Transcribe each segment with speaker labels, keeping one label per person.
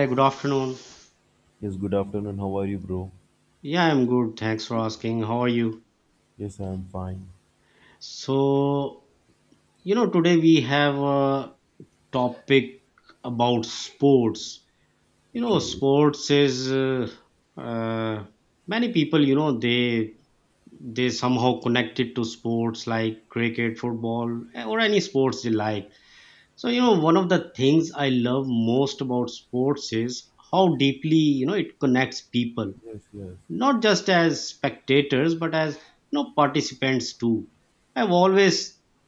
Speaker 1: Hi, good afternoon.
Speaker 2: Yes, good afternoon. How are you, bro?
Speaker 1: Yeah, I'm good. Thanks for asking. How are you?
Speaker 2: Yes, I am fine.
Speaker 1: So, Today we have a topic about sports.
Speaker 2: Okay.
Speaker 1: Sports is uh, many people, they somehow connected to sports like cricket, football, or any sports they like. One of the things I love most about sports is how deeply, it connects people,
Speaker 2: Yes, yes.
Speaker 1: not just as spectators but as participants too. I've always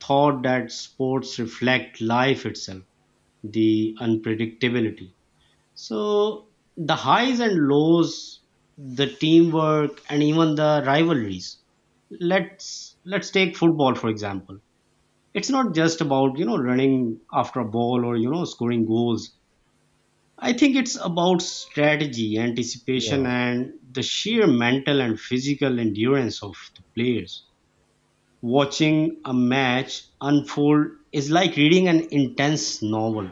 Speaker 1: thought that sports reflect life itself: the unpredictability, the highs and lows, the teamwork, and even the rivalries. Let's take football, for example. It's not just about running after a ball or scoring goals. I think it's about strategy, anticipation,
Speaker 2: Yeah.
Speaker 1: and the sheer mental and physical endurance of the players. Watching a match unfold is like reading an intense novel.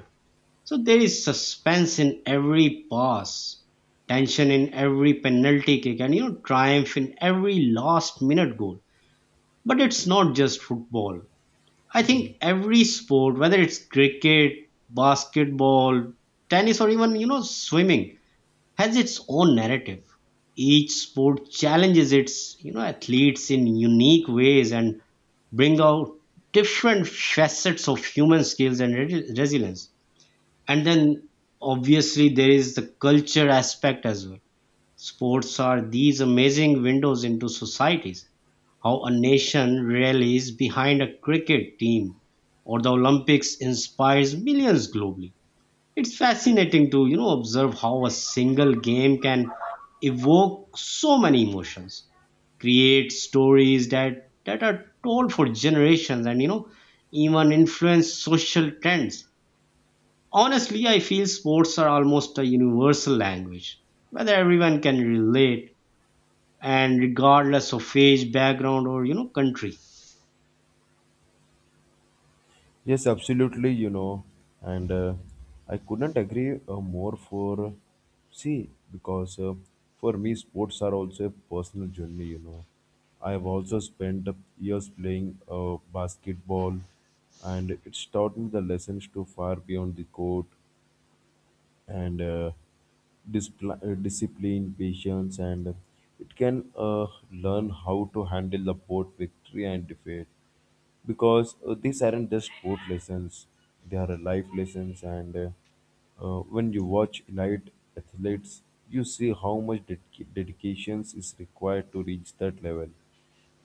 Speaker 1: So there is suspense in every pass, tension in every penalty kick, and, triumph in every last minute goal. But it's not just football. I think every sport, whether it's cricket, basketball, tennis, or even, swimming, has its own narrative. Each sport challenges its athletes in unique ways and bring out different facets of human skills and resilience. And then obviously there is the culture aspect as well. Sports are these amazing windows into societies. How a nation rallies behind a cricket team or the Olympics inspires millions globally, it's fascinating to observe how a single game can evoke so many emotions, create stories that are told for generations, and, even influence social trends. Honestly, I feel sports are almost a universal language, whether everyone can relate, and regardless of age, background, or, country.
Speaker 2: Yes, absolutely, And I couldn't agree more for see because for me sports are also a personal journey, I have also spent years playing basketball and it's taught me the lessons to far beyond the court and discipline, patience, and it can learn how to handle the both victory and defeat because these aren't just sport lessons they are life lessons and when you watch elite athletes you see how much dedications is required to reach that level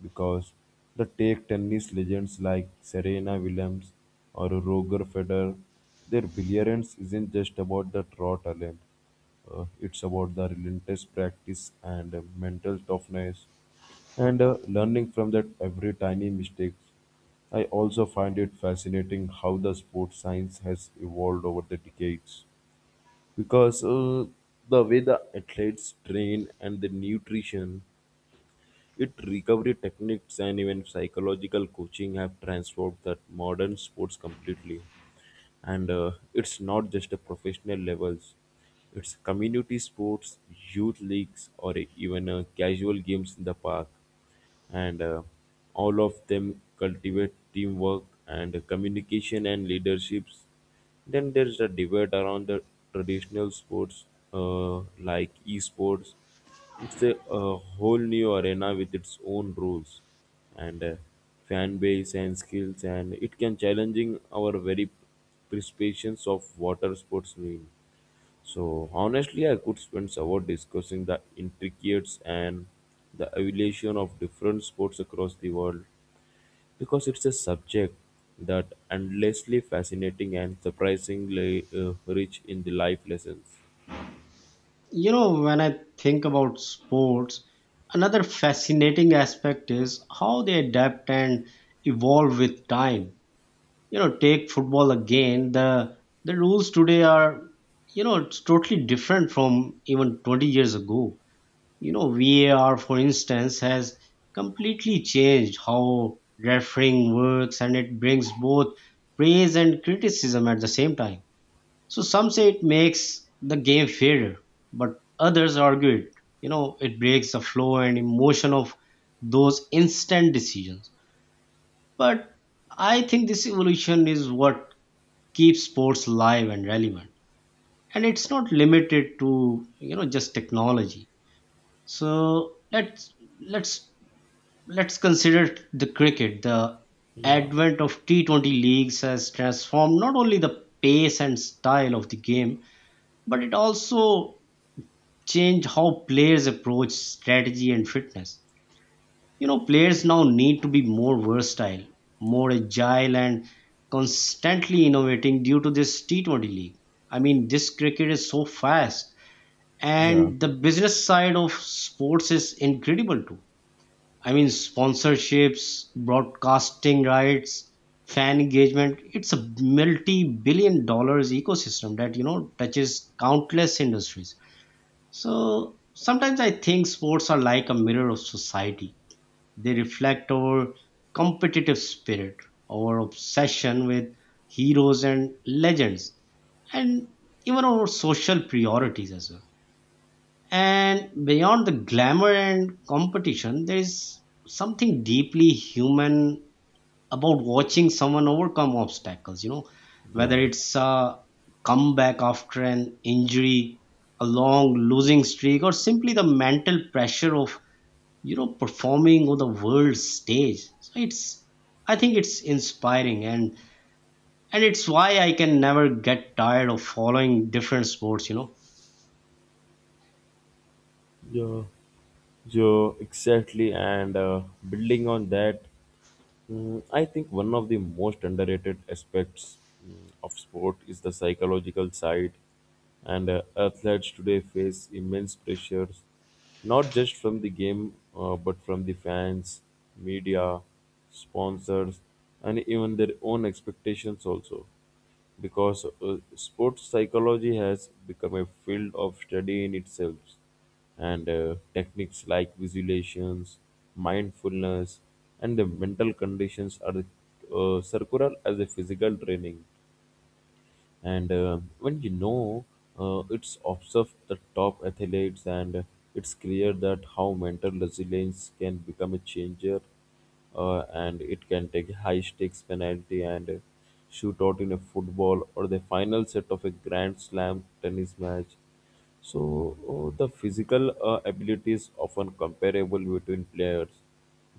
Speaker 2: because the take tennis legends like Serena Williams or Roger Federer, their brilliance isn't just about the raw talent. It's about the relentless practice and mental toughness and learning from that every tiny mistake. I also find it fascinating how the sports science has evolved over the decades because the way the athletes train and the nutrition, it recovery techniques and even psychological coaching have transformed that modern sports completely. And It's not just a professional levels; it's community sports, youth leagues, or even casual games in the park and all of them cultivate teamwork and communication and leaderships. Then there's a debate around the traditional sports like esports. It's a whole new arena with its own rules and fan base and skills, and it can challenging our very prescriptions of water sports mean. So honestly, I could spend hours discussing the intricacies and the evolution of different sports across the world because it's a subject that endlessly fascinating and surprisingly rich in the life lessons.
Speaker 1: You know, when I think about sports, another fascinating aspect is how they adapt and evolve with time. You know, take football again, the rules today are, you know, it's totally different from even 20 years ago. You know, VAR, for instance, has completely changed how refereeing works, and it brings both praise and criticism at the same time. So some say it makes the game fairer, but others argue it. You know, it breaks the flow and emotion of those instant decisions. But I think this evolution is what keeps sports live and relevant. And it's not limited to, you know, just technology. So let's let's let's consider the cricket. The advent of T20 leagues has transformed not only the pace and style of the game, but it also change how players approach strategy and fitness. You know, players now need to be more versatile, more agile, and constantly innovating due to this T20 league. I mean, this cricket is so fast,
Speaker 2: Yeah,
Speaker 1: and the business side of sports is incredible too. I mean, sponsorships, broadcasting rights, fan engagement. It's a multi billion dollar ecosystem that, you know, touches countless industries. So sometimes I think sports are like a mirror of society. They reflect our competitive spirit, our obsession with heroes and legends, and even our social priorities as well. And beyond the glamour and competition, there is something deeply human about watching someone overcome obstacles,
Speaker 2: yeah.
Speaker 1: whether it's a comeback after an injury, a long losing streak, or simply the mental pressure of performing on the world stage. So it's, I think it's inspiring, and it's why I can never get tired of following different sports, you know.
Speaker 2: Yeah, yeah, exactly. And Building on that, I think one of the most underrated aspects of sport is the psychological side. And Athletes today face immense pressures, not just from the game, but from the fans, media, sponsors, and even their own expectations also because sports psychology has become a field of study in itself and techniques like visualizations mindfulness and the mental conditions are circular as a physical training and when you know it's observed the top athletes and it's clear that how mental resilience can become a changer and it can take high stakes penalty and shoot out in a football or the final set of a grand slam tennis match so the physical ability is often comparable between players,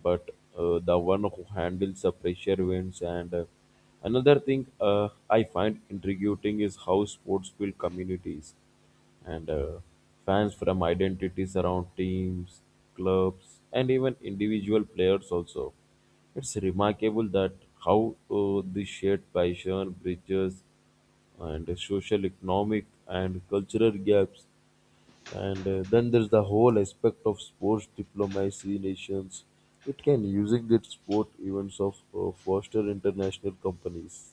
Speaker 2: but the one who handles the pressure wins. And another thing I find intriguing is how sports build communities and fans from identities around teams, clubs, and even individual players also. It's remarkable that how this shared passion bridges and social, economic, and cultural gaps. And Then there's the whole aspect of sports diplomacy nations. It can using its sport events of foster international companies.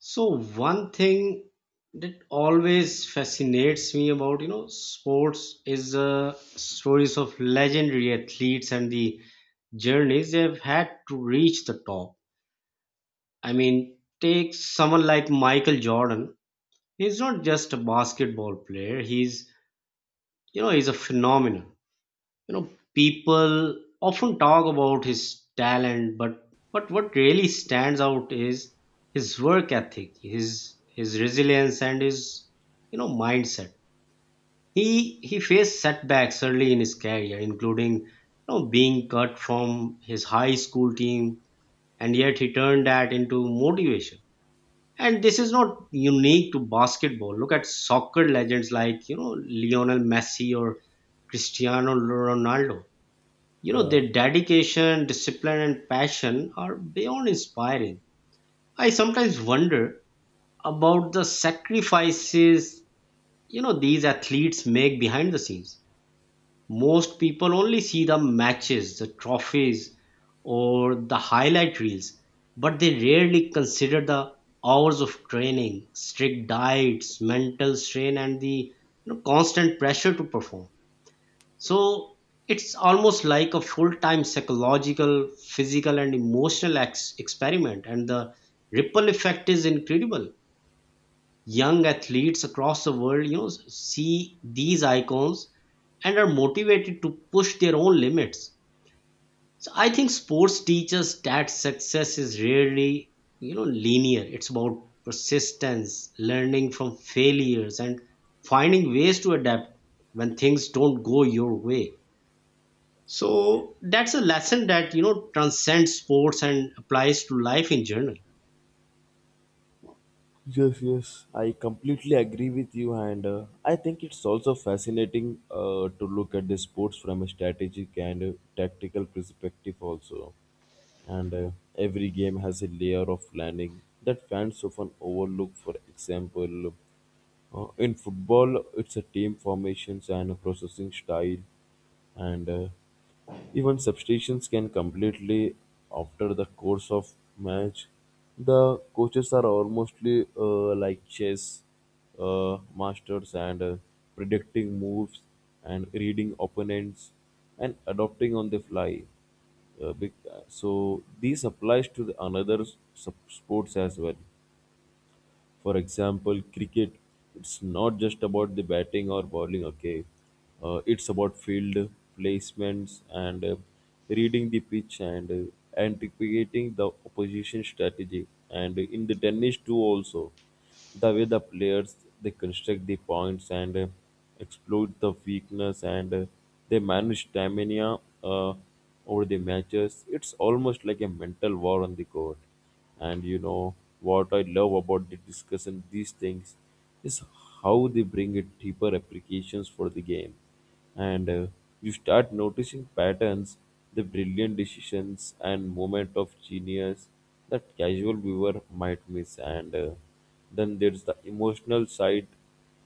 Speaker 1: So one thing that always fascinates me about sports is the stories of legendary athletes and the journeys they've had to reach the top. I mean, take someone like Michael Jordan. He's not just a basketball player. He's you know, he's a phenomenon. You know, people often talk about his talent, but what really stands out is his work ethic, his resilience, and his, mindset. He faced setbacks early in his career, including, being cut from his high school team, and yet he turned that into motivation. And this is not unique to basketball. Look at soccer legends like, you know, Lionel Messi or Cristiano Ronaldo. You know,
Speaker 2: Yeah.
Speaker 1: their dedication, discipline, and passion are beyond inspiring. I sometimes wonder about the sacrifices, you know, these athletes make behind the scenes. Most people only see the matches, the trophies, or the highlight reels, but they rarely consider the hours of training, strict diets, mental strain, and the, constant pressure to perform. So it's almost like a full time psychological, physical, and emotional experiment, and the ripple effect is incredible. Young athletes across the world, see these icons and are motivated to push their own limits. So I think sports teaches that success is rarely, linear. It's about persistence, learning from failures, and finding ways to adapt when things don't go your way. So that's a lesson that, transcends sports and applies to life in general.
Speaker 2: Yes, yes. I completely agree with you, and I think it's also fascinating to look at the sports from a strategic and tactical perspective, also. And Every game has a layer of planning that fans often overlook. For example, in football, it's a team formations and a processing style, and even substitutions can completely after the course of match. The coaches are almostly like chess masters and predicting moves and reading opponents and adopting on the fly. So this applies to the another sports as well. For example, cricket, it's not just about the batting or bowling, okay? It's about field placements and reading the pitch and anticipating the opposition strategy. And in the tennis, too, also. The way the players they construct the points and exploit the weakness and they manage stamina over the matches. It's almost like a mental war on the court. And you know what I love about the discussion these things is how they bring a deeper applications for the game and you start noticing patterns the brilliant decisions and moment of genius that casual viewer might miss and then there's the emotional side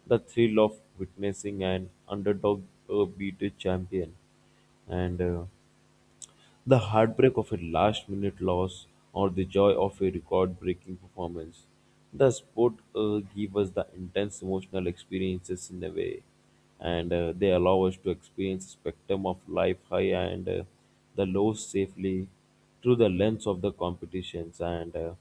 Speaker 2: the thrill of witnessing an underdog beat a champion and the heartbreak of a last minute loss or the joy of a record breaking performance. The sport give us the intense emotional experiences in a way, and they allow us to experience spectrum of life high and the lows safely through the lens of the competitions. And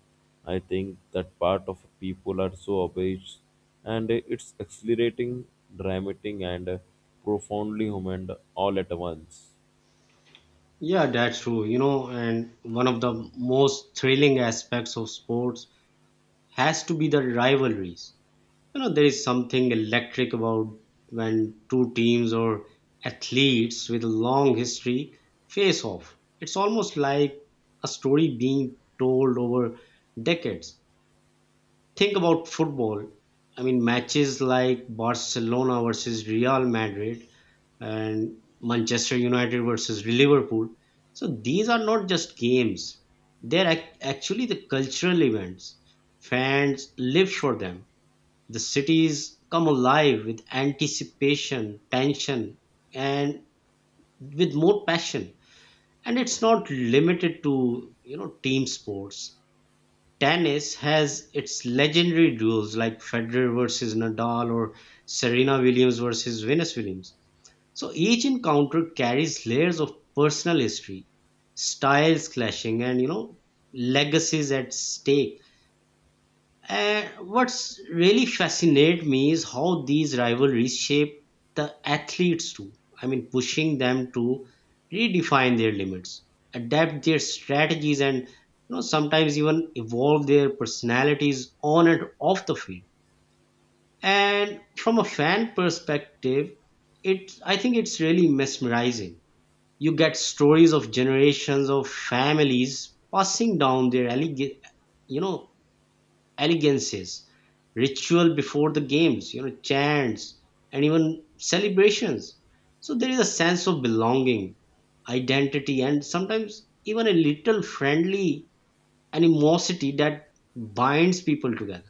Speaker 2: I think that part of people are so abased, and it's accelerating, dramatic, and profoundly human all at once.
Speaker 1: Yeah, that's true. You know, and one of the most thrilling aspects of sports has to be the rivalries. You know, there is something electric about when two teams or athletes with a long history face off. It's almost like a story being told over decades. Think about football. I mean, matches like Barcelona versus Real Madrid and Manchester United versus Liverpool. So these are not just games, they're actually the cultural events. Fans live for them. The cities come alive with anticipation, tension, and with more passion. And it's not limited to, team sports. Tennis has its legendary duels like Federer versus Nadal or Serena Williams versus Venus Williams. So each encounter carries layers of personal history, styles clashing, and, you know, legacies at stake. And what's really fascinated me is how these rivalries shape the athletes too. I mean, pushing them to redefine their limits, adapt their strategies, and, you know, sometimes even evolve their personalities on and off the field. And from a fan perspective, it, I think it's really mesmerizing. You get stories of generations of families passing down their you know elegances, ritual before the games, chants, and even celebrations. So there is a sense of belonging, identity, and sometimes even a little friendly animosity that binds people together.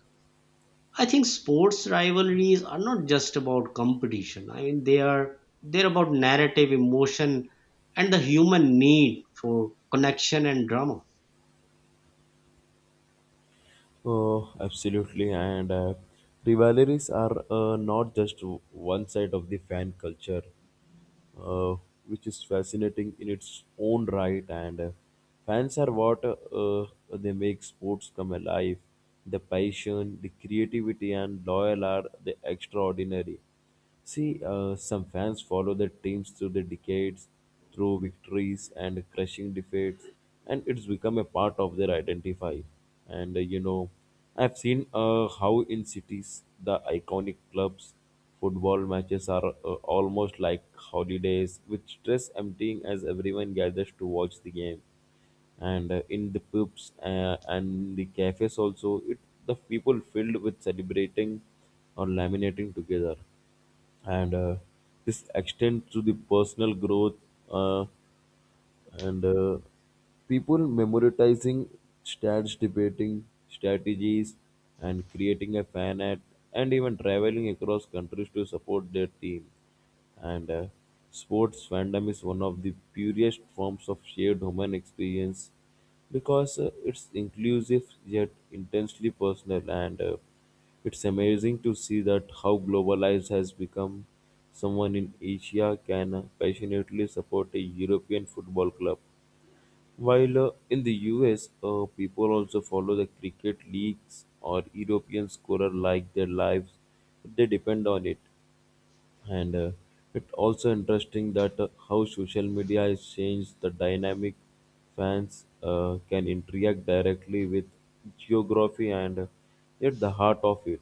Speaker 1: I think sports rivalries are not just about competition. I mean, they're about narrative, emotion, and the human need for connection and drama.
Speaker 2: Oh, absolutely. And Rivalries are not just one side of the fan culture uh, which is fascinating in its own right. And Fans are what they make sports come alive. The passion, the creativity, and loyal are the extraordinary. See, some fans follow their teams through the decades, through victories and crushing defeats, and it's become a part of their identify. And, I've seen how in cities the iconic clubs Football matches are almost like holidays, with stress emptying as everyone gathers to watch the game. And in the pubs and the cafes also, it the people filled with celebrating or laminating together and this extends to the personal growth. Uh, and People memorizing stats, debating strategies, and creating a fan art, and even traveling across countries to support their team. And Sports fandom is one of the purest forms of shared human experience because it's inclusive yet intensely personal and it's amazing to see that how globalized has become someone in Asia can passionately support a European football club. While in the US, people also follow the cricket leagues or European scorer like their lives. They depend on it and it's also interesting that how social media has changed the dynamic fans can interact directly with geography and at the heart of it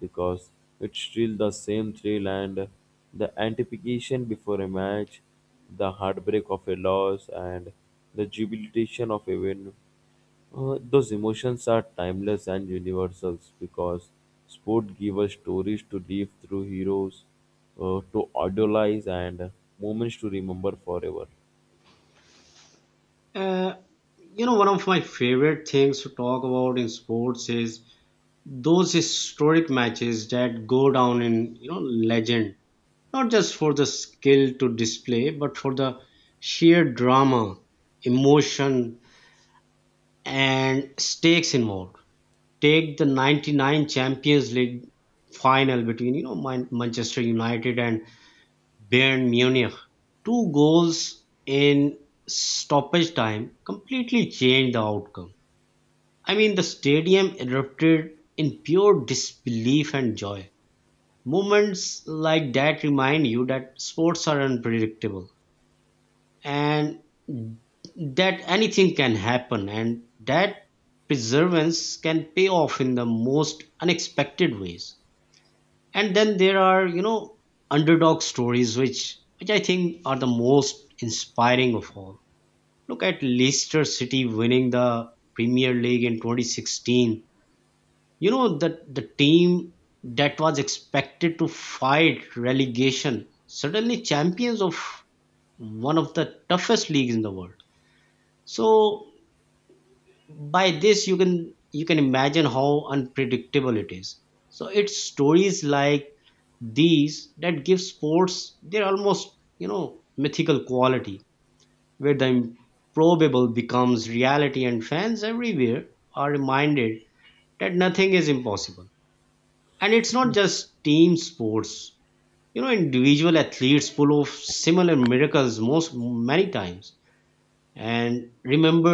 Speaker 2: because it's still the same thrill and the anticipation before a match the heartbreak of a loss and the jubilation of a win those emotions are timeless and universal because sport give us stories to live through heroes, to idolize, and moments to remember forever.
Speaker 1: Uh, One of my favorite things to talk about in sports is those historic matches that go down in, legend, not just for the skill to display, but for the sheer drama, emotion, and stakes involved. Take the 99 Champions League final between, Manchester United and Bayern Munich. Two goals in stoppage time completely changed the outcome. I mean, the stadium erupted in pure disbelief and joy. Moments like that remind you that sports are unpredictable, and that anything can happen, and that perseverance can pay off in the most unexpected ways. And then there are, underdog stories, which I think are the most inspiring of all. Look at Leicester City winning the Premier League in 2016. You know, that the team that was expected to fight relegation, suddenly champions of one of the toughest leagues in the world. So by this, you can imagine how unpredictable it is. So it's stories like these that give sports their almost, mythical quality, where the improbable becomes reality and fans everywhere are reminded that nothing is impossible. And it's not just team sports. You know, individual athletes pull off similar miracles most many times. And remember,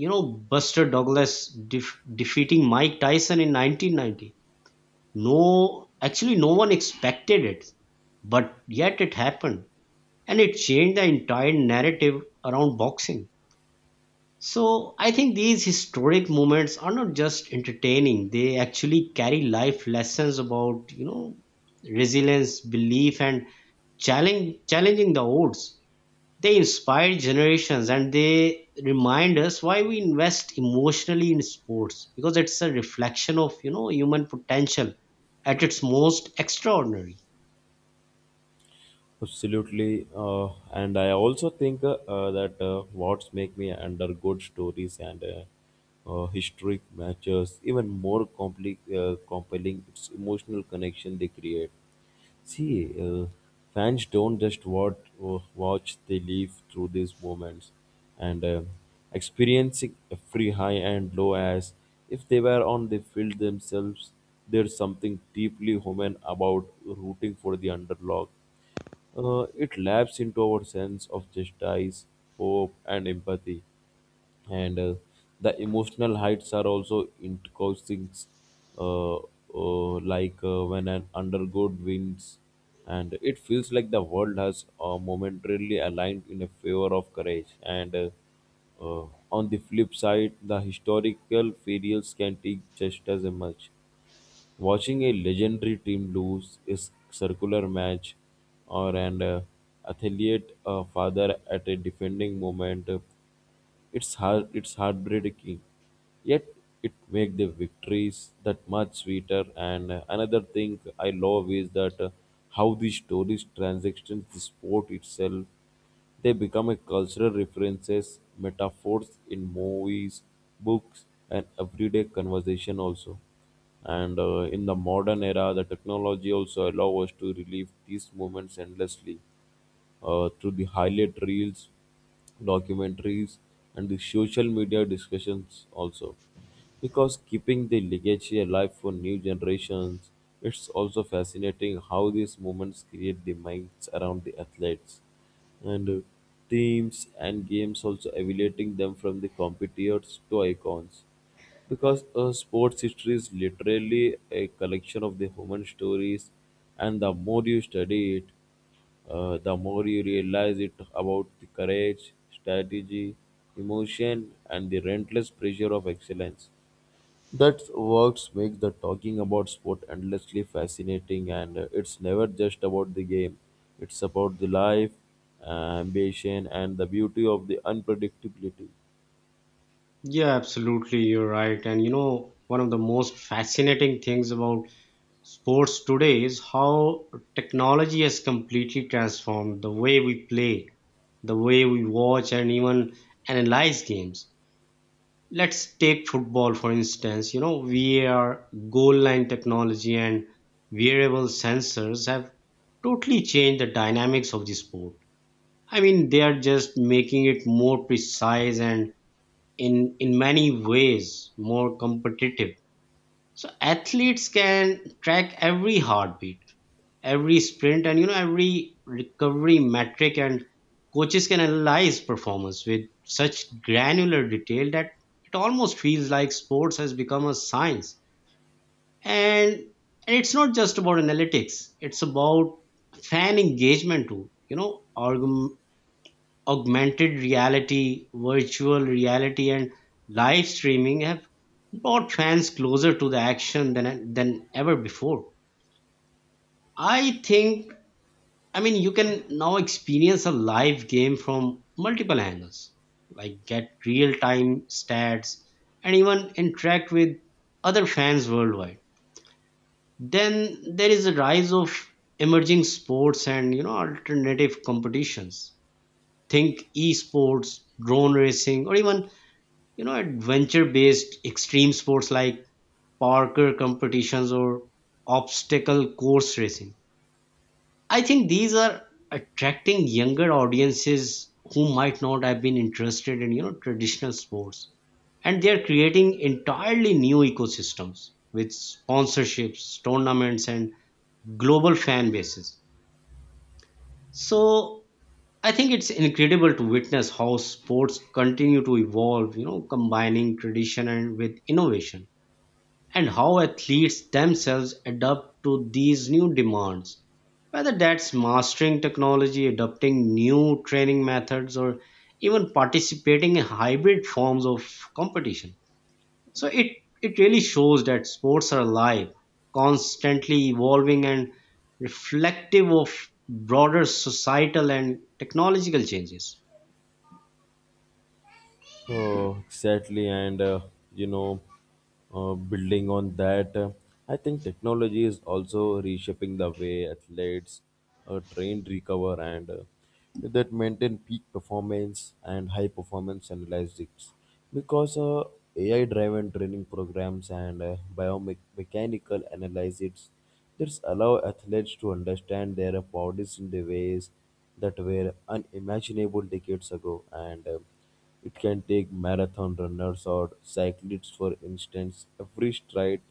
Speaker 1: you know, Buster Douglas defeating Mike Tyson in 1990. No, actually, no one expected it, but yet it happened. And it changed the entire narrative around boxing. So I think these historic moments are not just entertaining, they actually carry life lessons about, you know, resilience, belief, and challenging the odds. They inspire generations, and they remind us why we invest emotionally in sports, because it's a reflection of, you know, human potential at its most extraordinary.
Speaker 2: Absolutely, and I also think that what's make me under good stories and historic matches even more compelling. It's emotional connection they create. See, uh, fans don't just watch; they live through these moments and experiencing every high and low as if they were on the field themselves. There's something deeply human about rooting for the underdog it laps into our sense of justice, hope, and empathy. And The emotional heights are also increasing, like when an undergod wins, and it feels like the world has momentarily aligned in a favor of courage. And on the flip side, the historical failures can teach just as much. Watching a legendary team lose is circular match or an athlete father at a defending moment. It's hard. It's heartbreaking. Yet it makes the victories that much sweeter. And another thing I love is that how these stories transactions the sport itself. They become a cultural references, metaphors in movies, books, and everyday conversation also. And in the modern era, the technology also allows us to relive these moments endlessly through the highlight reels, documentaries, and the social media discussions also. Because keeping the legacy alive for new generations, it's also fascinating how these moments create the minds around the athletes and teams and games also elevating them from the competitors to icons because sports history is literally a collection of the human stories and the more you study it the more you realize it about the courage, strategy, emotion, and the relentless pressure of excellence. That works make the talking about sport endlessly fascinating, and it's never just about the game. It's about the life, ambition, and the beauty of the unpredictability.
Speaker 1: Yeah, absolutely. You're right. And you know, one of the most fascinating things about sports today is how technology has completely transformed the way we play, the way we watch, and even analyze games. Let's take football, for instance. You know, VAR, goal line technology, and wearable sensors have totally changed the dynamics of the sport. I mean, they are just making it more precise and, in many ways, more competitive. So athletes can track every heartbeat, every sprint, and, every recovery metric, and coaches can analyze performance with such granular detail that it almost feels like sports has become a science. And, and it's not just about analytics, it's about fan engagement too. You know, augmented reality, virtual reality, and live streaming have brought fans closer to the action than, ever before. I think, I mean, you can now experience a live game from multiple angles, like get real time stats and even interact with other fans worldwide. Then there is a rise of emerging sports and, alternative competitions. Think esports, drone racing, or even, adventure based extreme sports like parkour competitions or obstacle course racing. I think these are attracting younger audiences who might not have been interested in, traditional sports, and they are creating entirely new ecosystems with sponsorships, tournaments, and global fan bases. So I think it's incredible to witness how sports continue to evolve, you know, combining tradition and with innovation, and how athletes themselves adapt to these new demands. Whether that's mastering technology, adopting new training methods, or even participating in hybrid forms of competition. So it really shows that sports are alive, constantly evolving, and reflective of broader societal and technological changes.
Speaker 2: Oh, exactly. You know, Building on that, I think technology is also reshaping the way athletes are trained, recover, and that maintain peak performance and high performance analytics. Because AI driven training programs and biomechanical analysis this allow athletes to understand their bodies in the ways that were unimaginable decades ago. And It can take marathon runners or cyclists, for instance, every stride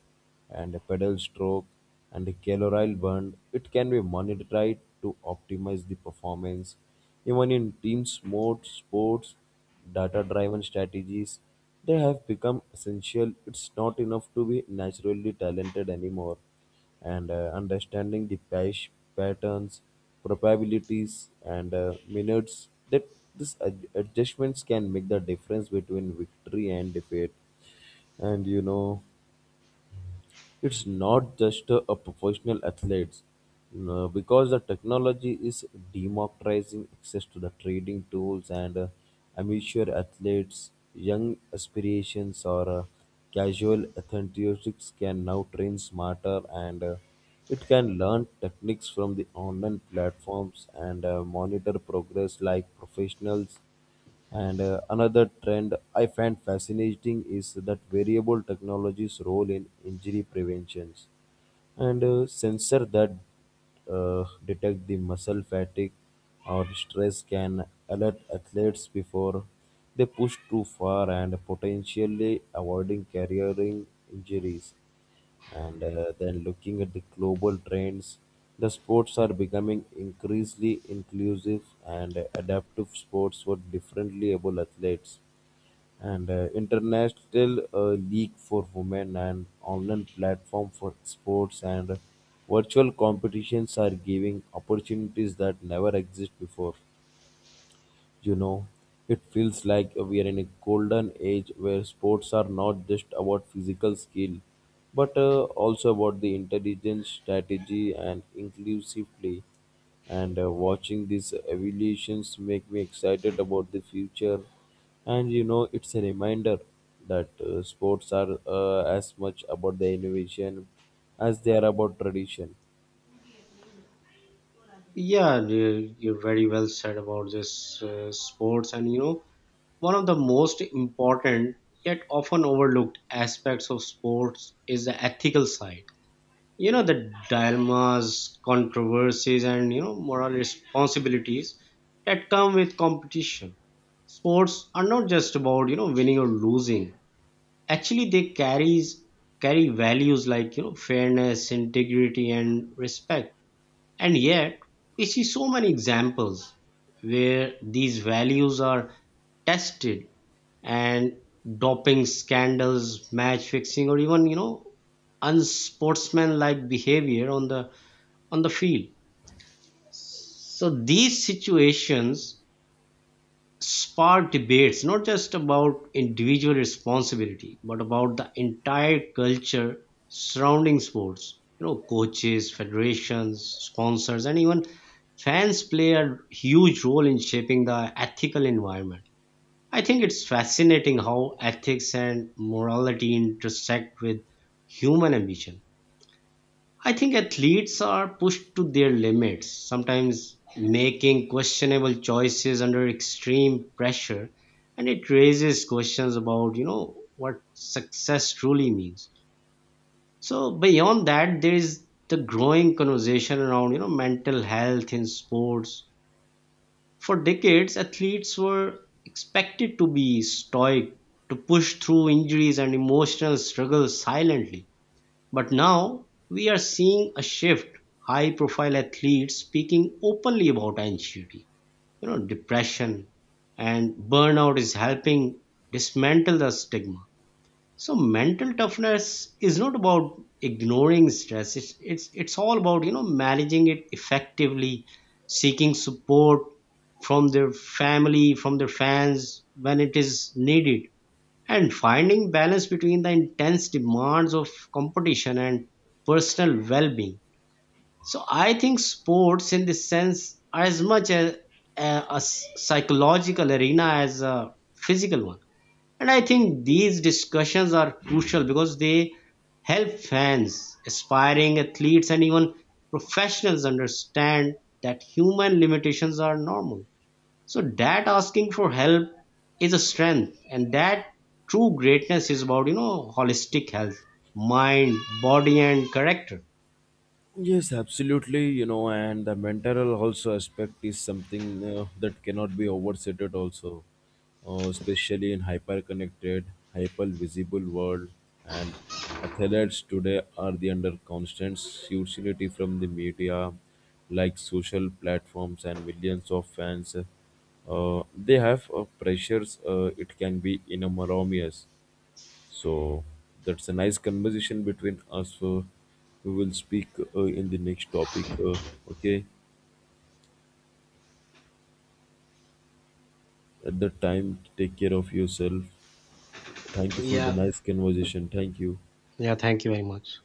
Speaker 2: and a pedal stroke and a calorie burn. It can be monitored to optimize the performance. Even in sports, data-driven strategies, they have become essential. It's not enough to be naturally talented anymore and understanding the patch patterns, probabilities, and minutes that these adjustments can make the difference between victory and defeat. And you know, it's not just a professional athletes, you know, because the technology is democratizing access to the trading tools and amateur athletes, young aspirations or casual enthusiasts can now train smarter and it can learn techniques from the online platforms and monitor progress like professionals and another trend I find fascinating is that variable technology's role in injury preventions and sensor that detect the muscle fatigue or stress can alert athletes before they push too far and potentially avoiding careering injuries and then looking at the global trends, the sports are becoming increasingly inclusive and adaptive sports for differently able athletes. And international league for women and online platform for sports and virtual competitions are giving opportunities that never exist before. You know, it feels like we are in a golden age where sports are not just about physical skill, but also about the intelligence, strategy, and inclusive play. And Watching these evolutions make me excited about the future. And you know, it's a reminder that sports are as much about the innovation as they are about tradition.
Speaker 1: Yeah, you're very well said about this sports, and you know, one of the most important yet often overlooked aspects of sports is the ethical side. You know, the dilemmas, controversies, and, you know, moral responsibilities that come with competition. Sports are not just about, winning or losing. Actually, they carries carry values like, fairness, integrity, and respect. And yet, we see so many examples where these values are tested, and doping scandals, match fixing, or even, you know, unsportsmanlike behavior on the, on the field. So these situations sparked debates, not just about individual responsibility but about the entire culture surrounding sports. You know, coaches, federations, sponsors, and even fans play a huge role in shaping the ethical environment. I think it's fascinating how ethics and morality intersect with human ambition. I think athletes are pushed to their limits, sometimes making questionable choices under extreme pressure, and it raises questions about, you know, what success truly means. So beyond that, there is the growing conversation around, you know, mental health in sports. For decades, athletes were expected to be stoic, to push through injuries and emotional struggles silently. But now we are seeing a shift, high profile athletes speaking openly about anxiety, you know, depression, and burnout is helping dismantle the stigma. So mental toughness is not about ignoring stress. It's all about, you know, managing it effectively, seeking support from their family, from their fans when it is needed, and finding balance between the intense demands of competition and personal well-being. So I think sports in this sense are as much a psychological arena as a physical one. And I think these discussions are crucial because they help fans, aspiring athletes, and even professionals understand that human limitations are normal, so that asking for help is a strength, and that true greatness is about, you know, holistic health, mind, body, and character.
Speaker 2: Yes, absolutely. You know, and the mental also aspect is something that cannot be overstated also, especially in hyper-connected, hyper-visible world. And athletes today are the under constant hostility from the media, like social platforms and millions of fans. They have pressures. It can be enormous so that's a nice conversation between us. We will speak in the next topic. Okay. At that time, take care of yourself. Thank you for the
Speaker 1: Yeah,
Speaker 2: nice conversation. Thank you.
Speaker 1: yeah. Thank you very much.